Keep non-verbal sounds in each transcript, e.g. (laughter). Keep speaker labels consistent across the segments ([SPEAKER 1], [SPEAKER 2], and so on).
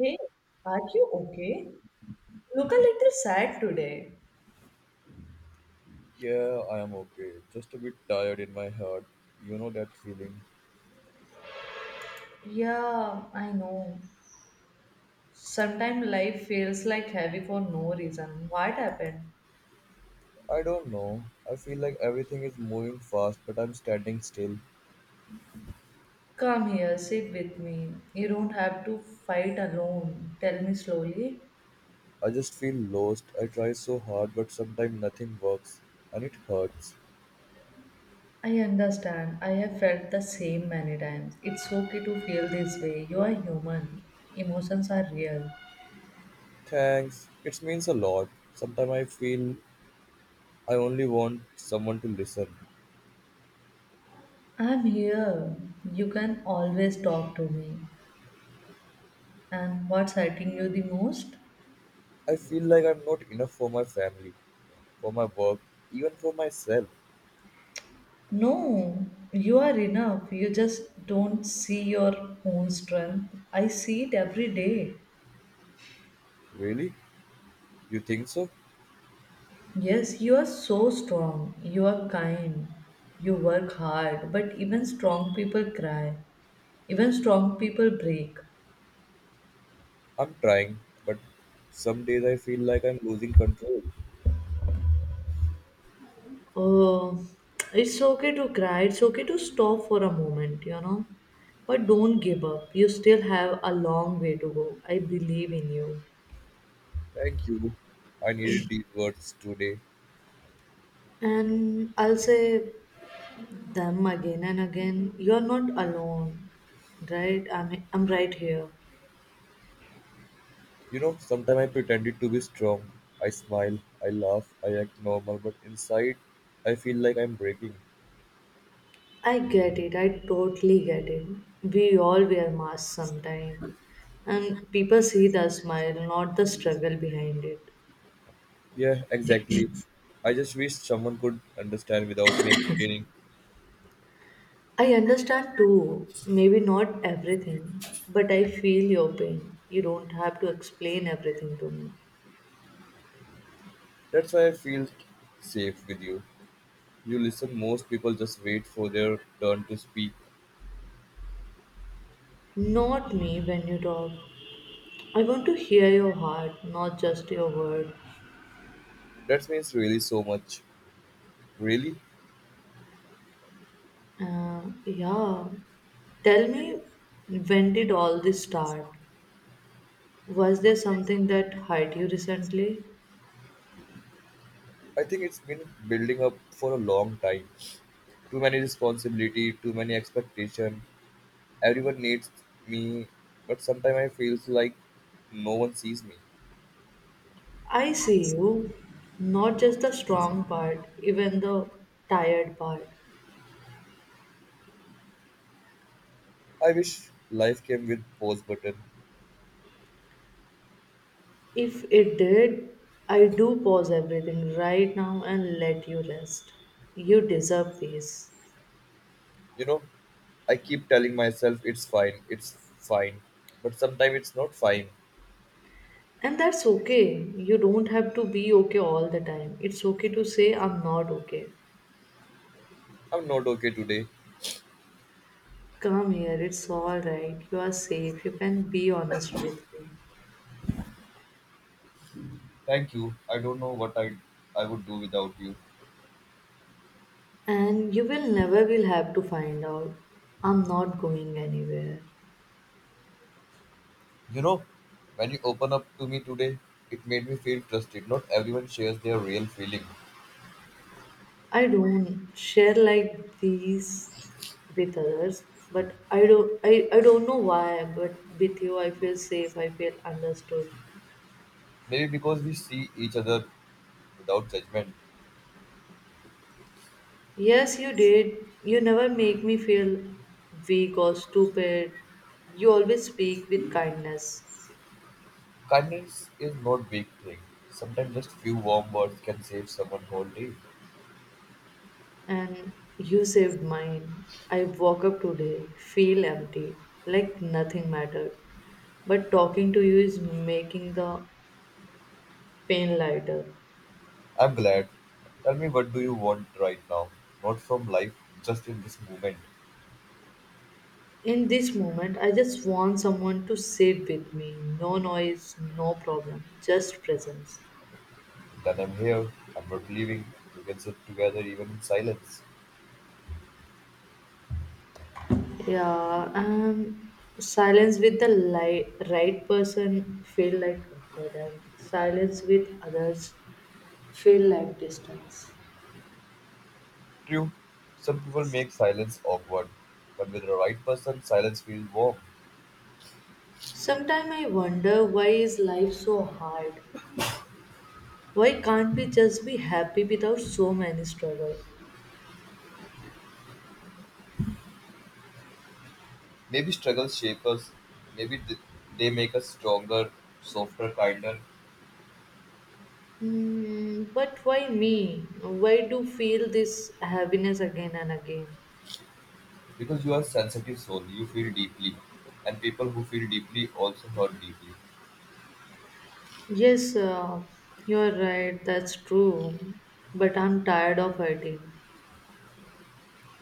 [SPEAKER 1] Hey, are you okay? Look a little sad today.
[SPEAKER 2] Yeah, I am okay. Just a bit tired in my head. You know that feeling?
[SPEAKER 1] Yeah, I know. Sometimes life feels like heavy for no reason. What happened?
[SPEAKER 2] I don't know. I feel like everything is moving fast, but I'm standing still.
[SPEAKER 1] Come here, sit with me. You don't have to fight alone. Tell me slowly.
[SPEAKER 2] I just feel lost. I try so hard, but sometimes nothing works, and it hurts.
[SPEAKER 1] I understand. I have felt the same many times. It's okay to feel this way. You are human. Emotions are real.
[SPEAKER 2] Thanks. It means a lot. Sometimes I feel I only want someone to listen.
[SPEAKER 1] I'm here. You can always talk to me. And what's hurting you the most?
[SPEAKER 2] I feel like I'm not enough for my family, for my work, even for myself.
[SPEAKER 1] No, you are enough. You just don't see your own strength. I see it every day.
[SPEAKER 2] Really? You think so?
[SPEAKER 1] Yes, you are so strong. You are kind. You work hard. But even strong people cry. Even strong people break.
[SPEAKER 2] I'm trying, but some days I feel like I'm losing control.
[SPEAKER 1] Oh, it's okay to cry. It's okay to stop for a moment, you know. But don't give up. You still have a long way to go. I believe in you.
[SPEAKER 2] Thank you. I needed these words today.
[SPEAKER 1] And I'll say them again and again, you're not alone, right? I'm right here.
[SPEAKER 2] You know, sometimes I pretended to be strong. I smile, I laugh, I act normal, but inside I feel like I'm breaking.
[SPEAKER 1] I get it, I totally get it. We all wear masks sometime, and people see the smile, not the struggle behind it.
[SPEAKER 2] Yeah, exactly. I just wish someone could understand without me explaining.
[SPEAKER 1] I understand too, maybe not everything, but I feel your pain. You don't have to explain everything to me.
[SPEAKER 2] That's why I feel safe with you. You listen, most people just wait for their turn to speak.
[SPEAKER 1] Not me. When you talk, I want to hear your heart, not just your word.
[SPEAKER 2] That means really so much. Really?
[SPEAKER 1] Yeah. Tell me, when did all this start? Was there something that hurt you recently?
[SPEAKER 2] I think it's been building up for a long time. Too many responsibility, too many expectation, everyone needs me, but sometimes I feels like no one sees me.
[SPEAKER 1] I see you. Not just the strong part, even the tired part.
[SPEAKER 2] I wish life came with pause button.
[SPEAKER 1] If it did, I do pause everything right now and let you rest. You deserve peace.
[SPEAKER 2] You know, I keep telling myself it's fine, but sometimes it's not fine.
[SPEAKER 1] And that's okay. You don't have to be okay all the time. It's okay to say, I'm not okay.
[SPEAKER 2] I'm not okay today.
[SPEAKER 1] Come here, it's alright. You are safe. You can be honest with me.
[SPEAKER 2] Thank you. I don't know what I would do without you.
[SPEAKER 1] And you will never will have to find out. I'm not going anywhere.
[SPEAKER 2] You know, when you open up to me today, it made me feel trusted. Not everyone shares their real feeling.
[SPEAKER 1] I don't share like these with others, but I don't know why, but with you I feel safe, I feel understood.
[SPEAKER 2] Maybe because we see each other without judgment.
[SPEAKER 1] Yes, you did. You never make me feel weak or stupid. You always speak with kindness.
[SPEAKER 2] Kindness is not big thing. Sometimes just few warm words can save someone whole day.
[SPEAKER 1] And you saved mine. I woke up today, feel empty, like nothing mattered. But talking to you is making the pain lighter.
[SPEAKER 2] I'm glad. Tell me, what do you want right now? Not from life, just in this moment.
[SPEAKER 1] In this moment, I just want someone to sit with me. No noise, no problem, just presence.
[SPEAKER 2] Then I'm here. I'm not leaving. We can sit together even in silence.
[SPEAKER 1] Yeah, silence with the right person feel like comfort, and silence with others feel like distance.
[SPEAKER 2] True. Some people make silence awkward, but with the right person, silence feels warm.
[SPEAKER 1] Sometimes I wonder, why is life so hard? Why can't we just be happy without so many struggle?
[SPEAKER 2] Maybe struggles shape us. Maybe they make us stronger, softer, kinder.
[SPEAKER 1] Hmm, but why me? Why do feel this heaviness again and again?
[SPEAKER 2] Because you are sensitive soul, you feel deeply, and people who feel deeply also hurt deeply.
[SPEAKER 1] Yes, you're right. That's true. But I'm tired of hurting.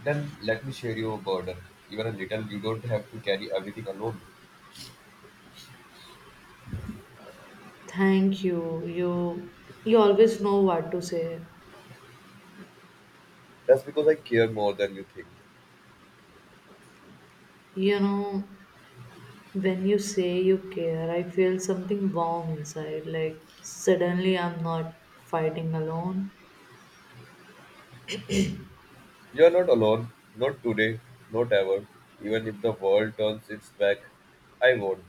[SPEAKER 2] Then let me share your burden, even a little. You don't have to carry everything alone.
[SPEAKER 1] Thank you. You always know what to say.
[SPEAKER 2] That's because I care more than you think.
[SPEAKER 1] You know, when you say you care, I feel something warm inside, like suddenly I'm not fighting alone.
[SPEAKER 2] You are not alone, not today, not ever. Even if the world turns its back, I won't.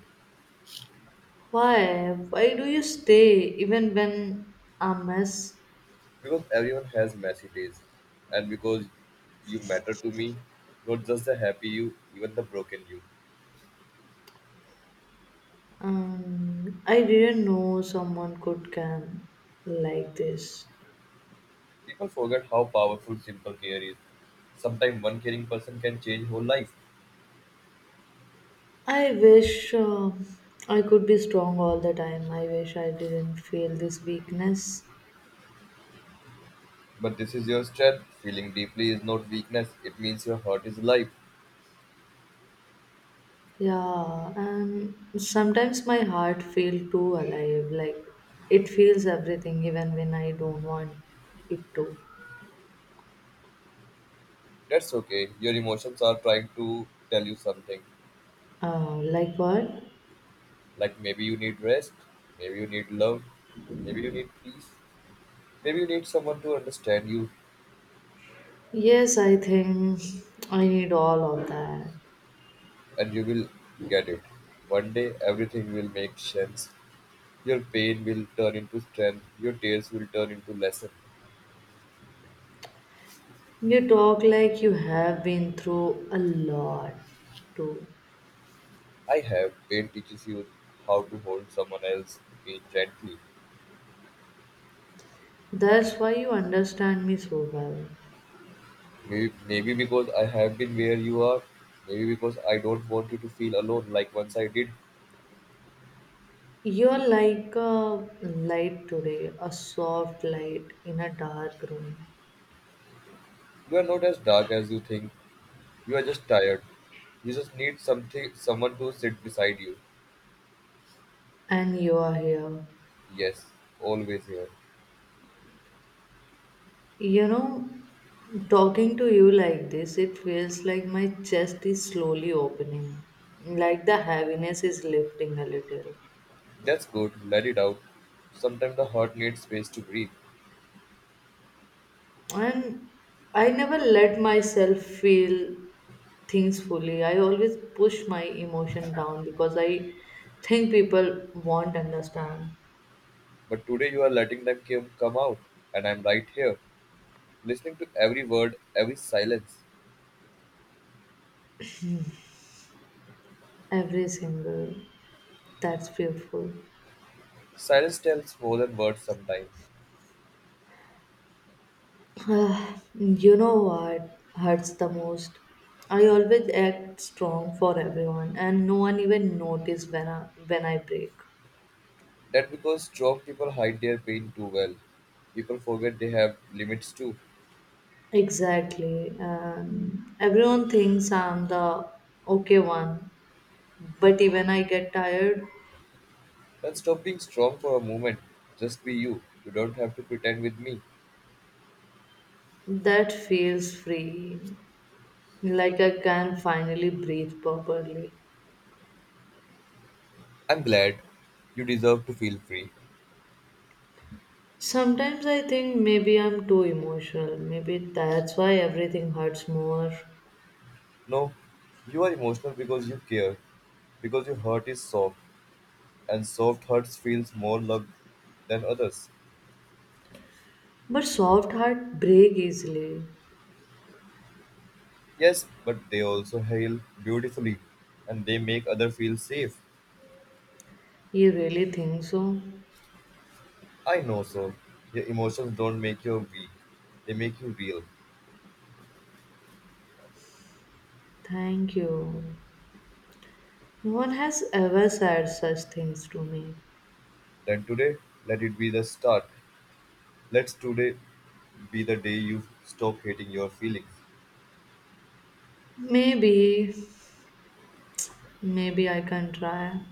[SPEAKER 1] Why? Why do you stay even when I mess?
[SPEAKER 2] Because everyone has messy days, and because you matter to me, not just the happy you, even the broken you.
[SPEAKER 1] I didn't know someone could can like this.
[SPEAKER 2] People forget how powerful simple care is. Sometimes one caring person can change whole life.
[SPEAKER 1] I wish I could be strong all the time. I wish I didn't feel this weakness.
[SPEAKER 2] But this is your strength. Feeling deeply is not weakness. It means your heart is alive.
[SPEAKER 1] Yeah, and sometimes my heart feels too alive. Like it feels everything, even when I don't want it to.
[SPEAKER 2] That's okay. Your emotions are trying to tell you something.
[SPEAKER 1] Like what?
[SPEAKER 2] Like maybe you need rest, maybe you need love, maybe you need peace, maybe you need someone to understand you,
[SPEAKER 1] Yes, I think I need all of that.
[SPEAKER 2] and you will get it. One day everything will make sense. Your pain will turn into strength, your tears will turn into lesson.
[SPEAKER 1] You talk like you have been through a lot too.
[SPEAKER 2] I have. Pain teaches you how to hold someone else's pain gently.
[SPEAKER 1] That's why you understand me so well.
[SPEAKER 2] Maybe, maybe because I have been where you are. Maybe because I don't want you to feel alone like once I did.
[SPEAKER 1] You're like a light today, a soft light in a dark room,
[SPEAKER 2] You are not as dark as you think. You are just tired. You just need something, someone to sit beside you.
[SPEAKER 1] and you are here.
[SPEAKER 2] Yes, always here.
[SPEAKER 1] You know, talking to you like this, it feels like my chest is slowly opening, like the heaviness is lifting a little.
[SPEAKER 2] That's good. Let it out. Sometimes the heart needs space to breathe.
[SPEAKER 1] And I never let myself feel things fully. I always push my emotion down because I think people won't understand
[SPEAKER 2] But today you are letting them come out, and I'm right here, listening to every word, every silence.
[SPEAKER 1] every single. That's beautiful.
[SPEAKER 2] Silence tells more than words sometimes.
[SPEAKER 1] (sighs) Uh, you know what hurts the most? I always act strong for everyone, and no one even notice when I break.
[SPEAKER 2] That because strong people hide their pain too well. People forget they have limits too.
[SPEAKER 1] Exactly, and everyone thinks I'm the okay one, but even I get tired.
[SPEAKER 2] Then stop being strong for a moment. Just be you. You don't have to pretend with me.
[SPEAKER 1] That feels freeing, like I can finally breathe properly.
[SPEAKER 2] I'm glad. You deserve to feel free.
[SPEAKER 1] Sometimes I think maybe I'm too emotional. Maybe that's why everything hurts more.
[SPEAKER 2] No, you are emotional because you care. Because your heart is soft, and soft hearts feels more loved than others.
[SPEAKER 1] But soft heart break easily.
[SPEAKER 2] Yes, but they also heal beautifully, and they make others feel safe.
[SPEAKER 1] You really think so?
[SPEAKER 2] I know so. Your emotions don't make you weak, they make you real.
[SPEAKER 1] Thank you. No one has ever said such things to me.
[SPEAKER 2] Then today, let it be the start. Let's today be the day you stop hating your feelings,
[SPEAKER 1] Maybe, maybe I can try.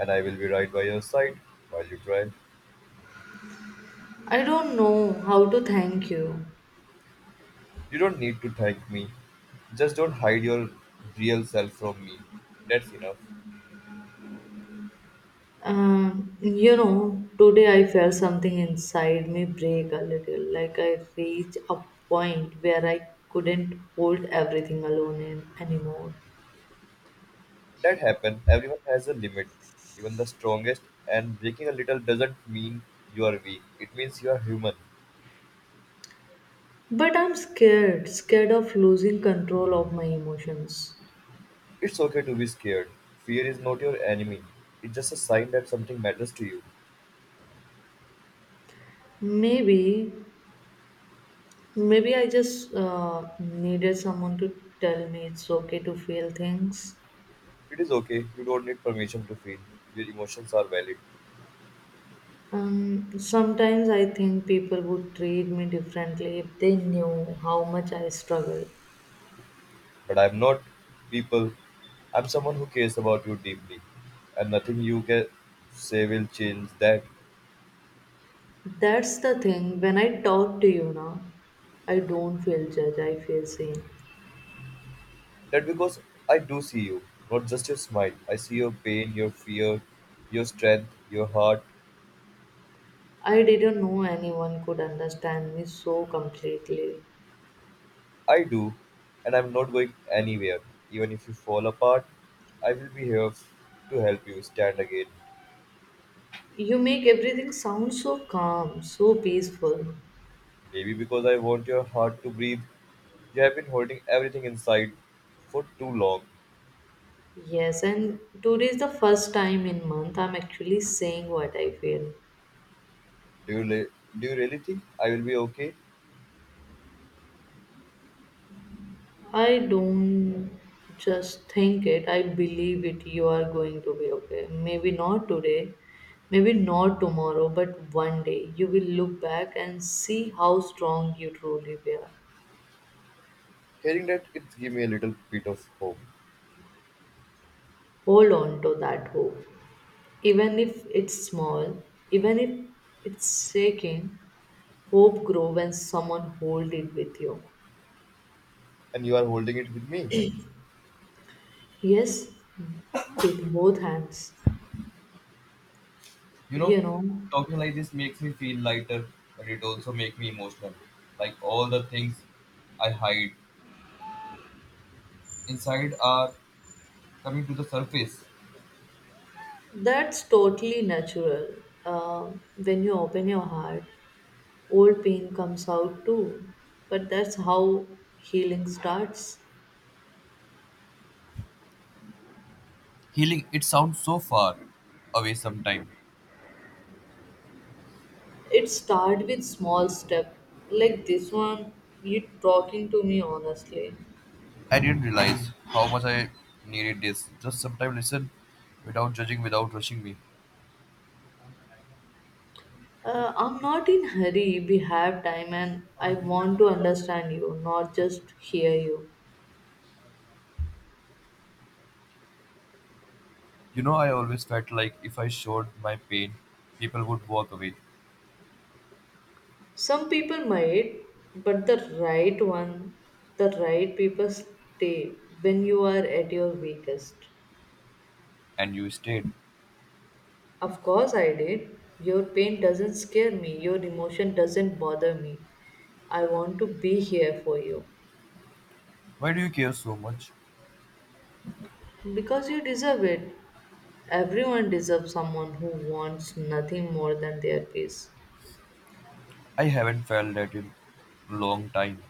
[SPEAKER 2] and I will be right by your side while you cry.
[SPEAKER 1] I don't know how to thank you.
[SPEAKER 2] You don't need to thank me. Just don't hide your real self from me. That's enough.
[SPEAKER 1] You know, today I felt something inside me break a little, like I reached a point where I couldn't hold everything alone in, anymore.
[SPEAKER 2] That happened. Everyone has a limit, even the strongest, and breaking a little doesn't mean you are weak. It means you are human.
[SPEAKER 1] But I'm scared, scared of losing control of my emotions.
[SPEAKER 2] It's okay to be scared. Fear is not your enemy. It's just a sign that something matters to you.
[SPEAKER 1] Maybe, maybe I just needed someone to tell me it's okay to feel things.
[SPEAKER 2] It is okay. You don't need permission to feel. Your emotions are valid.
[SPEAKER 1] Sometimes I think people would treat me differently if they knew how much I struggle.
[SPEAKER 2] But I'm not people. I'm someone who cares about you deeply. And nothing you can say will change that.
[SPEAKER 1] That's the thing. When I talk to you now, I don't feel judged. I feel seen.
[SPEAKER 2] That because I do see you. Not just your smile. I see your pain, your fear, your strength, your heart.
[SPEAKER 1] I didn't know anyone could understand me so completely.
[SPEAKER 2] I do. And I'm not going anywhere. Even if you fall apart, I will be here to help you stand again.
[SPEAKER 1] You make everything sound so calm, so peaceful.
[SPEAKER 2] Maybe because I want your heart to breathe. You have been holding everything inside for too long.
[SPEAKER 1] Yes, and today is the first time in month I'm actually saying what I feel.
[SPEAKER 2] Do you really think I will be okay?
[SPEAKER 1] I don't just think it, I believe it. You are going to be okay. Maybe not today, maybe not tomorrow, but one day you will look back and see how strong you truly were.
[SPEAKER 2] Hearing that, it gives me a little bit of hope.
[SPEAKER 1] Hold on to that hope. Even if it's small, even if it's shaking, hope grows when someone hold it with you.
[SPEAKER 2] And you are holding it with me.
[SPEAKER 1] Yes, with both hands.
[SPEAKER 2] You know,
[SPEAKER 1] You know,
[SPEAKER 2] talking like this makes me feel lighter, but it also makes me emotional. Like all the things I hide inside are coming to the surface.
[SPEAKER 1] that's totally natural. When you open your heart, old pain comes out too. But that's how healing starts.
[SPEAKER 2] Healing, it sounds so far away sometimes.
[SPEAKER 1] It starts with small step, like this one. You talking to me honestly.
[SPEAKER 2] I didn't realize how much I needed this. Just sometimes listen without judging, without rushing me.
[SPEAKER 1] I'm not in hurry. We have time, and I want to understand you, not just hear you.
[SPEAKER 2] You know, I always felt like if I showed my pain, people would walk away,
[SPEAKER 1] Some people might, but the right one, the right people stay when you are at your weakest.
[SPEAKER 2] and you stayed.
[SPEAKER 1] Of course, I did. Your pain doesn't scare me, your emotion doesn't bother me. I want to be here for you
[SPEAKER 2] Why do you care so much?
[SPEAKER 1] because you deserve it. Everyone deserves someone who wants nothing more than their peace.
[SPEAKER 2] I haven't felt that in long time.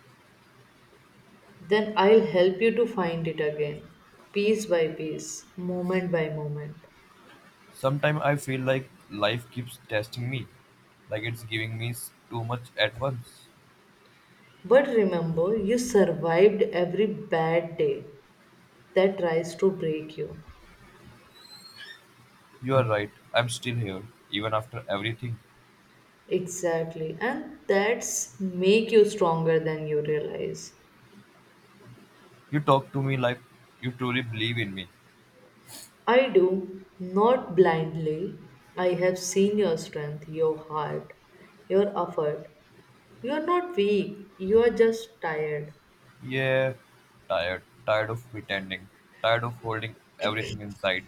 [SPEAKER 1] Then I'll help you to find it again, piece by piece, moment by moment.
[SPEAKER 2] Sometimes I feel like life keeps testing me, like it's giving me too much at once.
[SPEAKER 1] But remember, you survived every bad day that tries to break you.
[SPEAKER 2] You are right, I'm still here, even after everything.
[SPEAKER 1] Exactly. And that's make you stronger than you realize.
[SPEAKER 2] You talk to me like you truly believe in me.
[SPEAKER 1] I do, not blindly. I have seen your strength, your heart, your effort. You are not weak, you are just tired.
[SPEAKER 2] Yeah, tired. Tired of pretending. Tired of holding everything inside.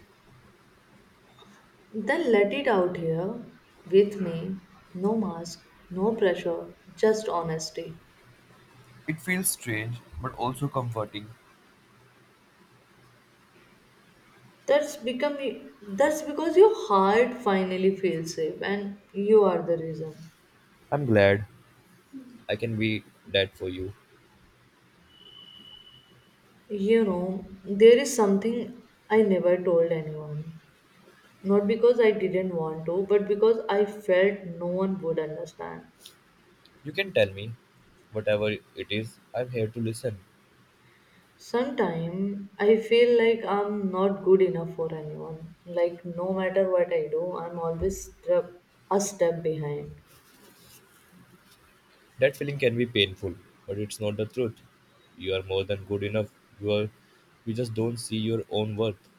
[SPEAKER 1] Then let it out here with me. No mask, no pressure, just honesty.
[SPEAKER 2] It feels strange, but also comforting.
[SPEAKER 1] That's become that's because your heart finally feels safe and you are the reason.
[SPEAKER 2] I'm glad I can be that for you.
[SPEAKER 1] You know, there is something I never told anyone. Not because I didn't want to, but because I felt no one would understand.
[SPEAKER 2] You can tell me whatever it is. I'm here to listen.
[SPEAKER 1] Sometimes I feel like I'm not good enough for anyone. Like no matter what I do, I'm a step behind.
[SPEAKER 2] That feeling can be painful, but it's not the truth. You are more than good enough. You are, you just don't see your own worth.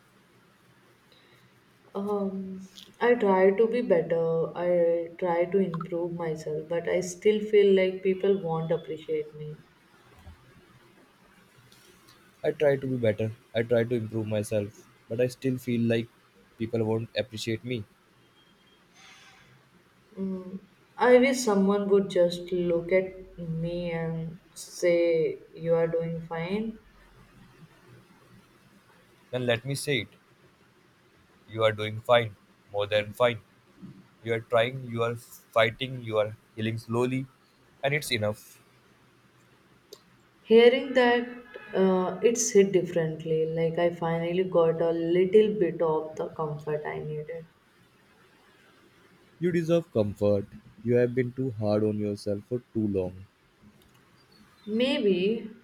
[SPEAKER 1] Um, I try to be better. I try to improve myself, but I still feel like people won't appreciate me.
[SPEAKER 2] I try to be better. I try to improve myself, but I still feel like people won't appreciate me.
[SPEAKER 1] Mm, I wish someone would just look at me and say, you are doing fine.
[SPEAKER 2] Then let me say it. You are doing fine, more than fine. You are trying, you are fighting, you are healing slowly, and it's enough.
[SPEAKER 1] Hearing that, it's hit differently. Like, I finally got a little bit of the comfort I needed.
[SPEAKER 2] You deserve comfort. You have been too hard on yourself for too long.
[SPEAKER 1] Maybe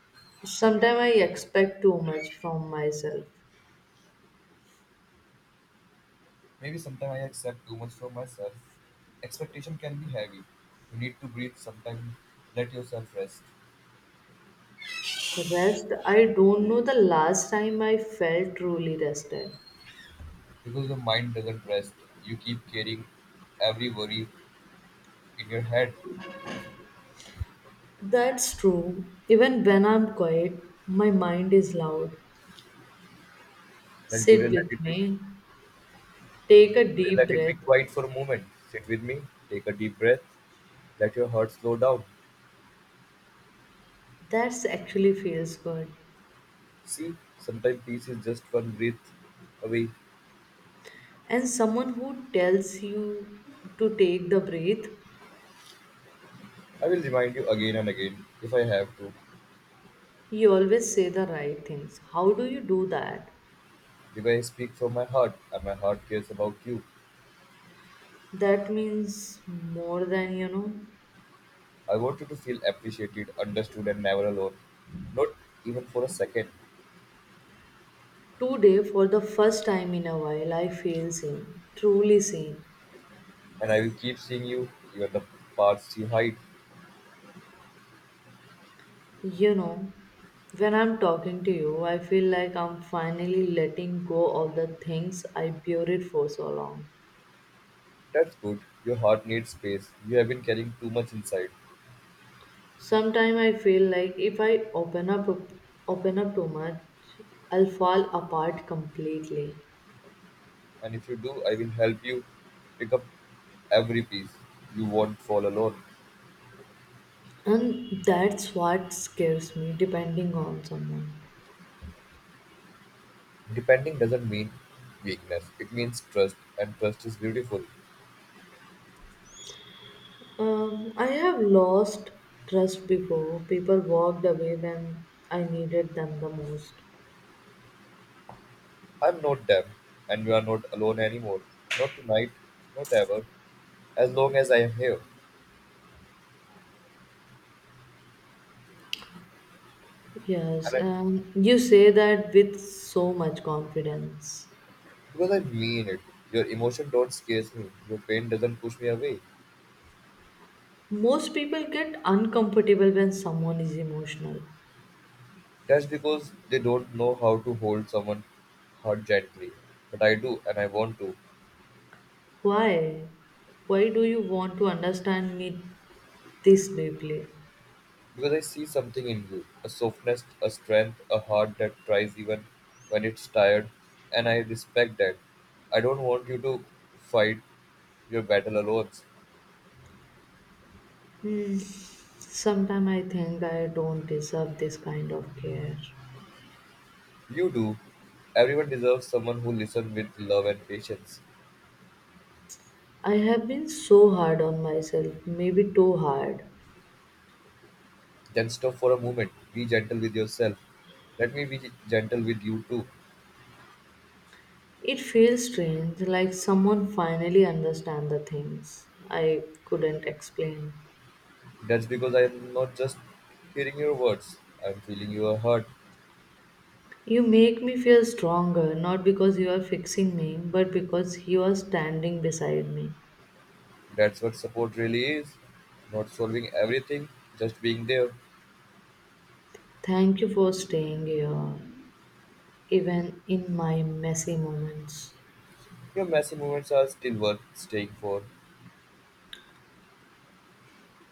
[SPEAKER 1] sometimes I expect too much from myself.
[SPEAKER 2] Maybe sometimes I accept too much from myself. Expectation can be heavy. You need to breathe sometimes. Let yourself rest.
[SPEAKER 1] Rest, I don't know the last time I felt truly rested.
[SPEAKER 2] Because your mind doesn't rest. You keep carrying every worry in your head.
[SPEAKER 1] That's true. Even when I'm quiet, my mind is loud.
[SPEAKER 2] Then today
[SPEAKER 1] Sit
[SPEAKER 2] let
[SPEAKER 1] with
[SPEAKER 2] it be
[SPEAKER 1] me, take a
[SPEAKER 2] today
[SPEAKER 1] deep
[SPEAKER 2] let it be
[SPEAKER 1] breath.
[SPEAKER 2] quiet for a moment. Sit with me. Take a deep breath. Let your heart slow down.
[SPEAKER 1] That's actually feels good.
[SPEAKER 2] See, sometimes peace is just one breath away.
[SPEAKER 1] And someone who tells you to take the breath,
[SPEAKER 2] I will remind you again and again, if I have to,
[SPEAKER 1] you always say the right things. How do you do that?
[SPEAKER 2] because I speak from my heart, and my heart cares about you.
[SPEAKER 1] That means more than you know.
[SPEAKER 2] I want you to feel appreciated, understood, and never alone. Not even for a second.
[SPEAKER 1] Today, for the first time in a while, I feel seen, truly seen.
[SPEAKER 2] And I will keep seeing you, even the parts you hide.
[SPEAKER 1] You know, when I'm talking to you, I feel like I'm finally letting go of the things I buried for so long.
[SPEAKER 2] That's good. Your heart needs space. You have been carrying too much inside.
[SPEAKER 1] Sometimes I feel like if I open up too much, I'll fall apart completely.
[SPEAKER 2] And if you do, I will help you pick up every piece. You won't fall alone.
[SPEAKER 1] And that's what scares me, depending on someone.
[SPEAKER 2] Depending doesn't mean weakness, it means trust, and trust is beautiful.
[SPEAKER 1] I have lost trust before. People walked away when I needed them the most.
[SPEAKER 2] I'm not them, and you are not alone anymore. Not tonight, not ever, as long as I am here.
[SPEAKER 1] Yes,
[SPEAKER 2] And I,
[SPEAKER 1] and you say that with so much confidence.
[SPEAKER 2] because I mean it, your emotion don't scares me, your pain doesn't push me away.
[SPEAKER 1] Most people get uncomfortable when someone is emotional.
[SPEAKER 2] That's because they don't know how to hold someone hurt gently. But I do, and I want to.
[SPEAKER 1] Why? Why do you want to understand me this deeply?
[SPEAKER 2] Because I see something in you, a softness, a strength, a heart that tries even when it's tired. And I respect that. I don't want you to fight your battle alone.
[SPEAKER 1] Hmm. Sometimes I think I don't deserve this kind of care.
[SPEAKER 2] You do. Everyone deserves someone who listens with love and patience.
[SPEAKER 1] I have been so hard on myself, maybe too hard.
[SPEAKER 2] Then stop for a moment. Be gentle with yourself. Let me be gentle with you too.
[SPEAKER 1] It feels strange, like someone finally understands the things I couldn't explain.
[SPEAKER 2] That's because I am not just hearing your words, I'm feeling your heart.
[SPEAKER 1] You make me feel stronger, not because you are fixing me, but because you are standing beside me.
[SPEAKER 2] That's what support really is. Not solving everything, just being there.
[SPEAKER 1] Thank you for staying here, even in my messy moments.
[SPEAKER 2] Your messy moments are still worth staying for,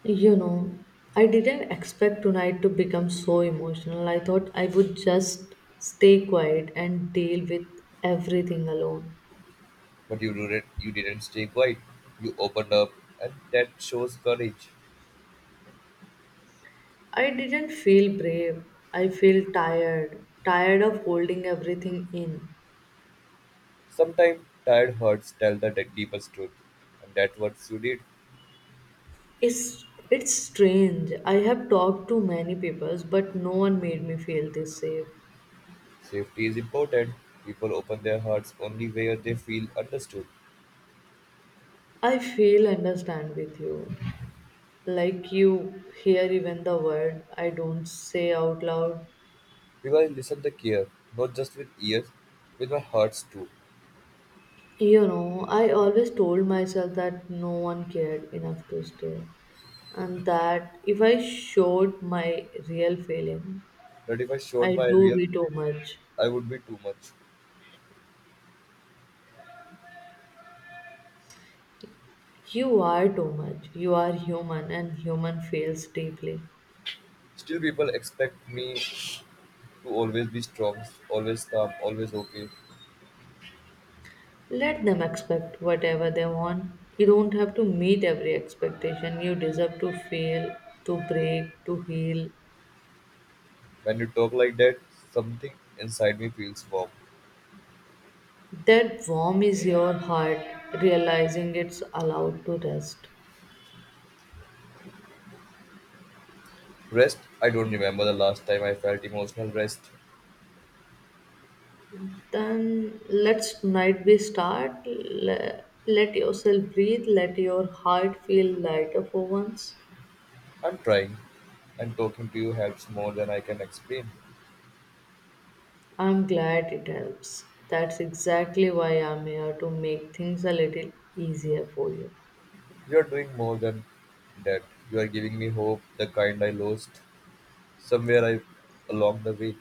[SPEAKER 1] You know, I didn't expect tonight to become so emotional. I thought I would just stay quiet and deal with everything alone.
[SPEAKER 2] but you didn't stay quiet. You opened up, and that shows courage.
[SPEAKER 1] I didn't feel brave. I feel tired, tired of holding everything in.
[SPEAKER 2] Sometimes tired hearts tell the deepest truth, and that's what you did.
[SPEAKER 1] It's it's strange. I have talked to many people, but no one made me feel this safe.
[SPEAKER 2] Safety is important. People open their hearts only where they feel understood.
[SPEAKER 1] I feel understand with you. Like you hear even the word I don't say out loud.
[SPEAKER 2] Because I listened the care, not just with ears, with my hearts too.
[SPEAKER 1] You know, I always told myself that no one cared enough to stay. And that if I showed my real feeling,
[SPEAKER 2] But if I showed
[SPEAKER 1] I
[SPEAKER 2] my
[SPEAKER 1] do
[SPEAKER 2] real,
[SPEAKER 1] be too much.
[SPEAKER 2] I would be too much.
[SPEAKER 1] You are too much. You are human and human feels deeply.
[SPEAKER 2] Still, people expect me to always be strong, always calm, always okay.
[SPEAKER 1] Let them expect whatever they want. You don't have to meet every expectation. You deserve to fail, to break, to heal.
[SPEAKER 2] When you talk like that, something inside me feels warm.
[SPEAKER 1] That warm is your heart, realizing it's allowed to rest.
[SPEAKER 2] Rest? I don't remember the last time I felt emotional rest.
[SPEAKER 1] Then let's tonight we start. Let yourself breathe. Let your heart feel lighter for once.
[SPEAKER 2] I'm trying, and talking to you helps more than I can explain.
[SPEAKER 1] I'm glad it helps. That's exactly why I'm here to make things a little easier for you.
[SPEAKER 2] You're doing more than that. You are giving me hope, the kind I lost somewhere I along the way.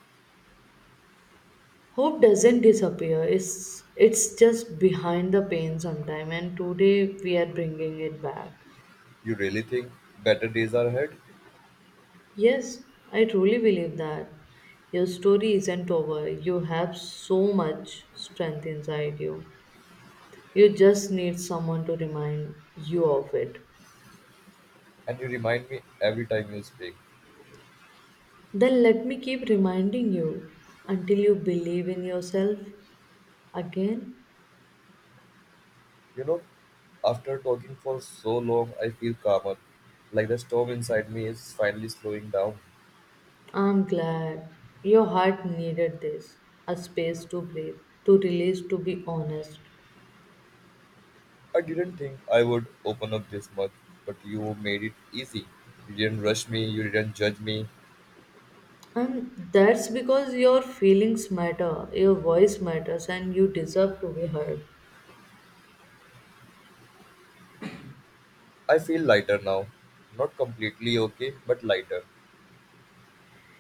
[SPEAKER 1] Hope doesn't disappear. It's just behind the pain sometime, and today we are bringing it back.
[SPEAKER 2] You really think better days are ahead,
[SPEAKER 1] Yes, I truly believe that your story isn't over. You have so much strength inside you. You just need someone to remind you of it.
[SPEAKER 2] and you remind me every time you speak.
[SPEAKER 1] Then let me keep reminding you until you believe in yourself again.
[SPEAKER 2] You know, after talking for so long, I feel calmer, like the storm inside me is finally slowing down.
[SPEAKER 1] I'm glad your heart needed this, a space to breathe, to release, to be honest.
[SPEAKER 2] I didn't think I would open up this much, but you made it easy. You didn't rush me, you didn't judge me.
[SPEAKER 1] And that's because your feelings matter, your voice matters, and you deserve to be heard.
[SPEAKER 2] I feel lighter now. Not completely okay, but lighter.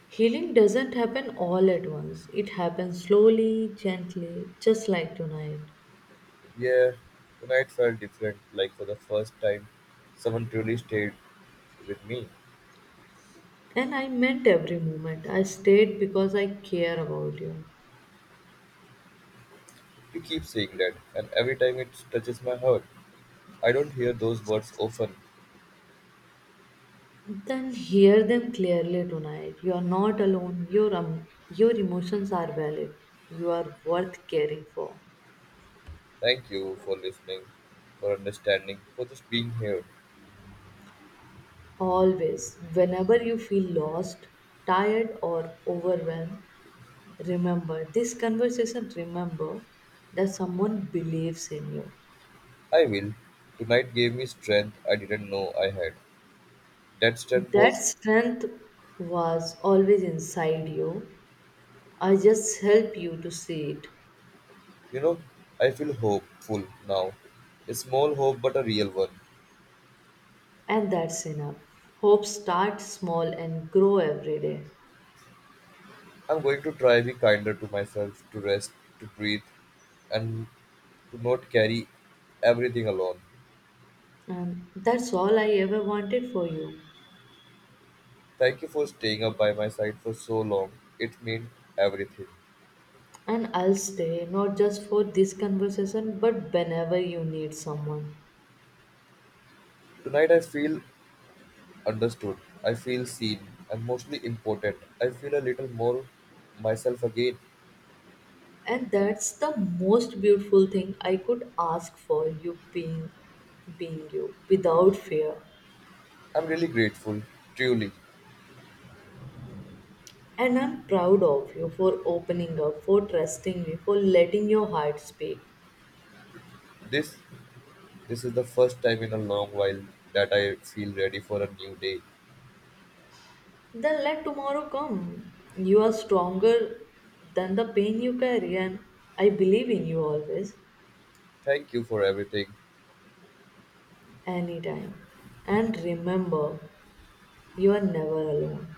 [SPEAKER 1] Healing doesn't happen all at once, it happens slowly, gently, just like tonight.
[SPEAKER 2] Yeah, tonight felt different, like for the first time, someone truly stayed with me.
[SPEAKER 1] And I meant every moment. I stayed because I care about you.
[SPEAKER 2] You keep saying that, and every time it touches my heart. I don't hear those words often.
[SPEAKER 1] Then hear them clearly tonight. You are not alone. Your emotions are valid. You are worth caring for.
[SPEAKER 2] Thank you for listening, for understanding, for just being here.
[SPEAKER 1] Always, whenever you feel lost, tired, or overwhelmed, remember this conversation, remember that someone believes in you.
[SPEAKER 2] I will. Tonight gave me strength I didn't know I had. That strength
[SPEAKER 1] That
[SPEAKER 2] was.
[SPEAKER 1] strength was always inside you. I just help you to see it,
[SPEAKER 2] You know, I feel hopeful now. A small hope, but a real one.
[SPEAKER 1] and that's enough. Hope starts small and grow every day.
[SPEAKER 2] I'm going to try be kinder to myself, to rest, to breathe, and to not carry everything alone.
[SPEAKER 1] And that's all I ever wanted for you.
[SPEAKER 2] Thank you for staying up by my side for so long. It meant everything.
[SPEAKER 1] And I'll stay, not just for this conversation but whenever you need someone.
[SPEAKER 2] Tonight I feel understood. I feel seen and mostly important. I feel a little more myself again.
[SPEAKER 1] And that's the most beautiful thing I could ask for, you being you without fear.
[SPEAKER 2] I'm really grateful, truly.
[SPEAKER 1] And I'm proud of you for opening up, for trusting me, for letting your heart speak.
[SPEAKER 2] This This is the first time in a long while that I feel ready for a new day.
[SPEAKER 1] Then let tomorrow come. You are stronger than the pain you carry, and I believe in you always.
[SPEAKER 2] Thank you for everything.
[SPEAKER 1] Anytime. And remember, you are never alone.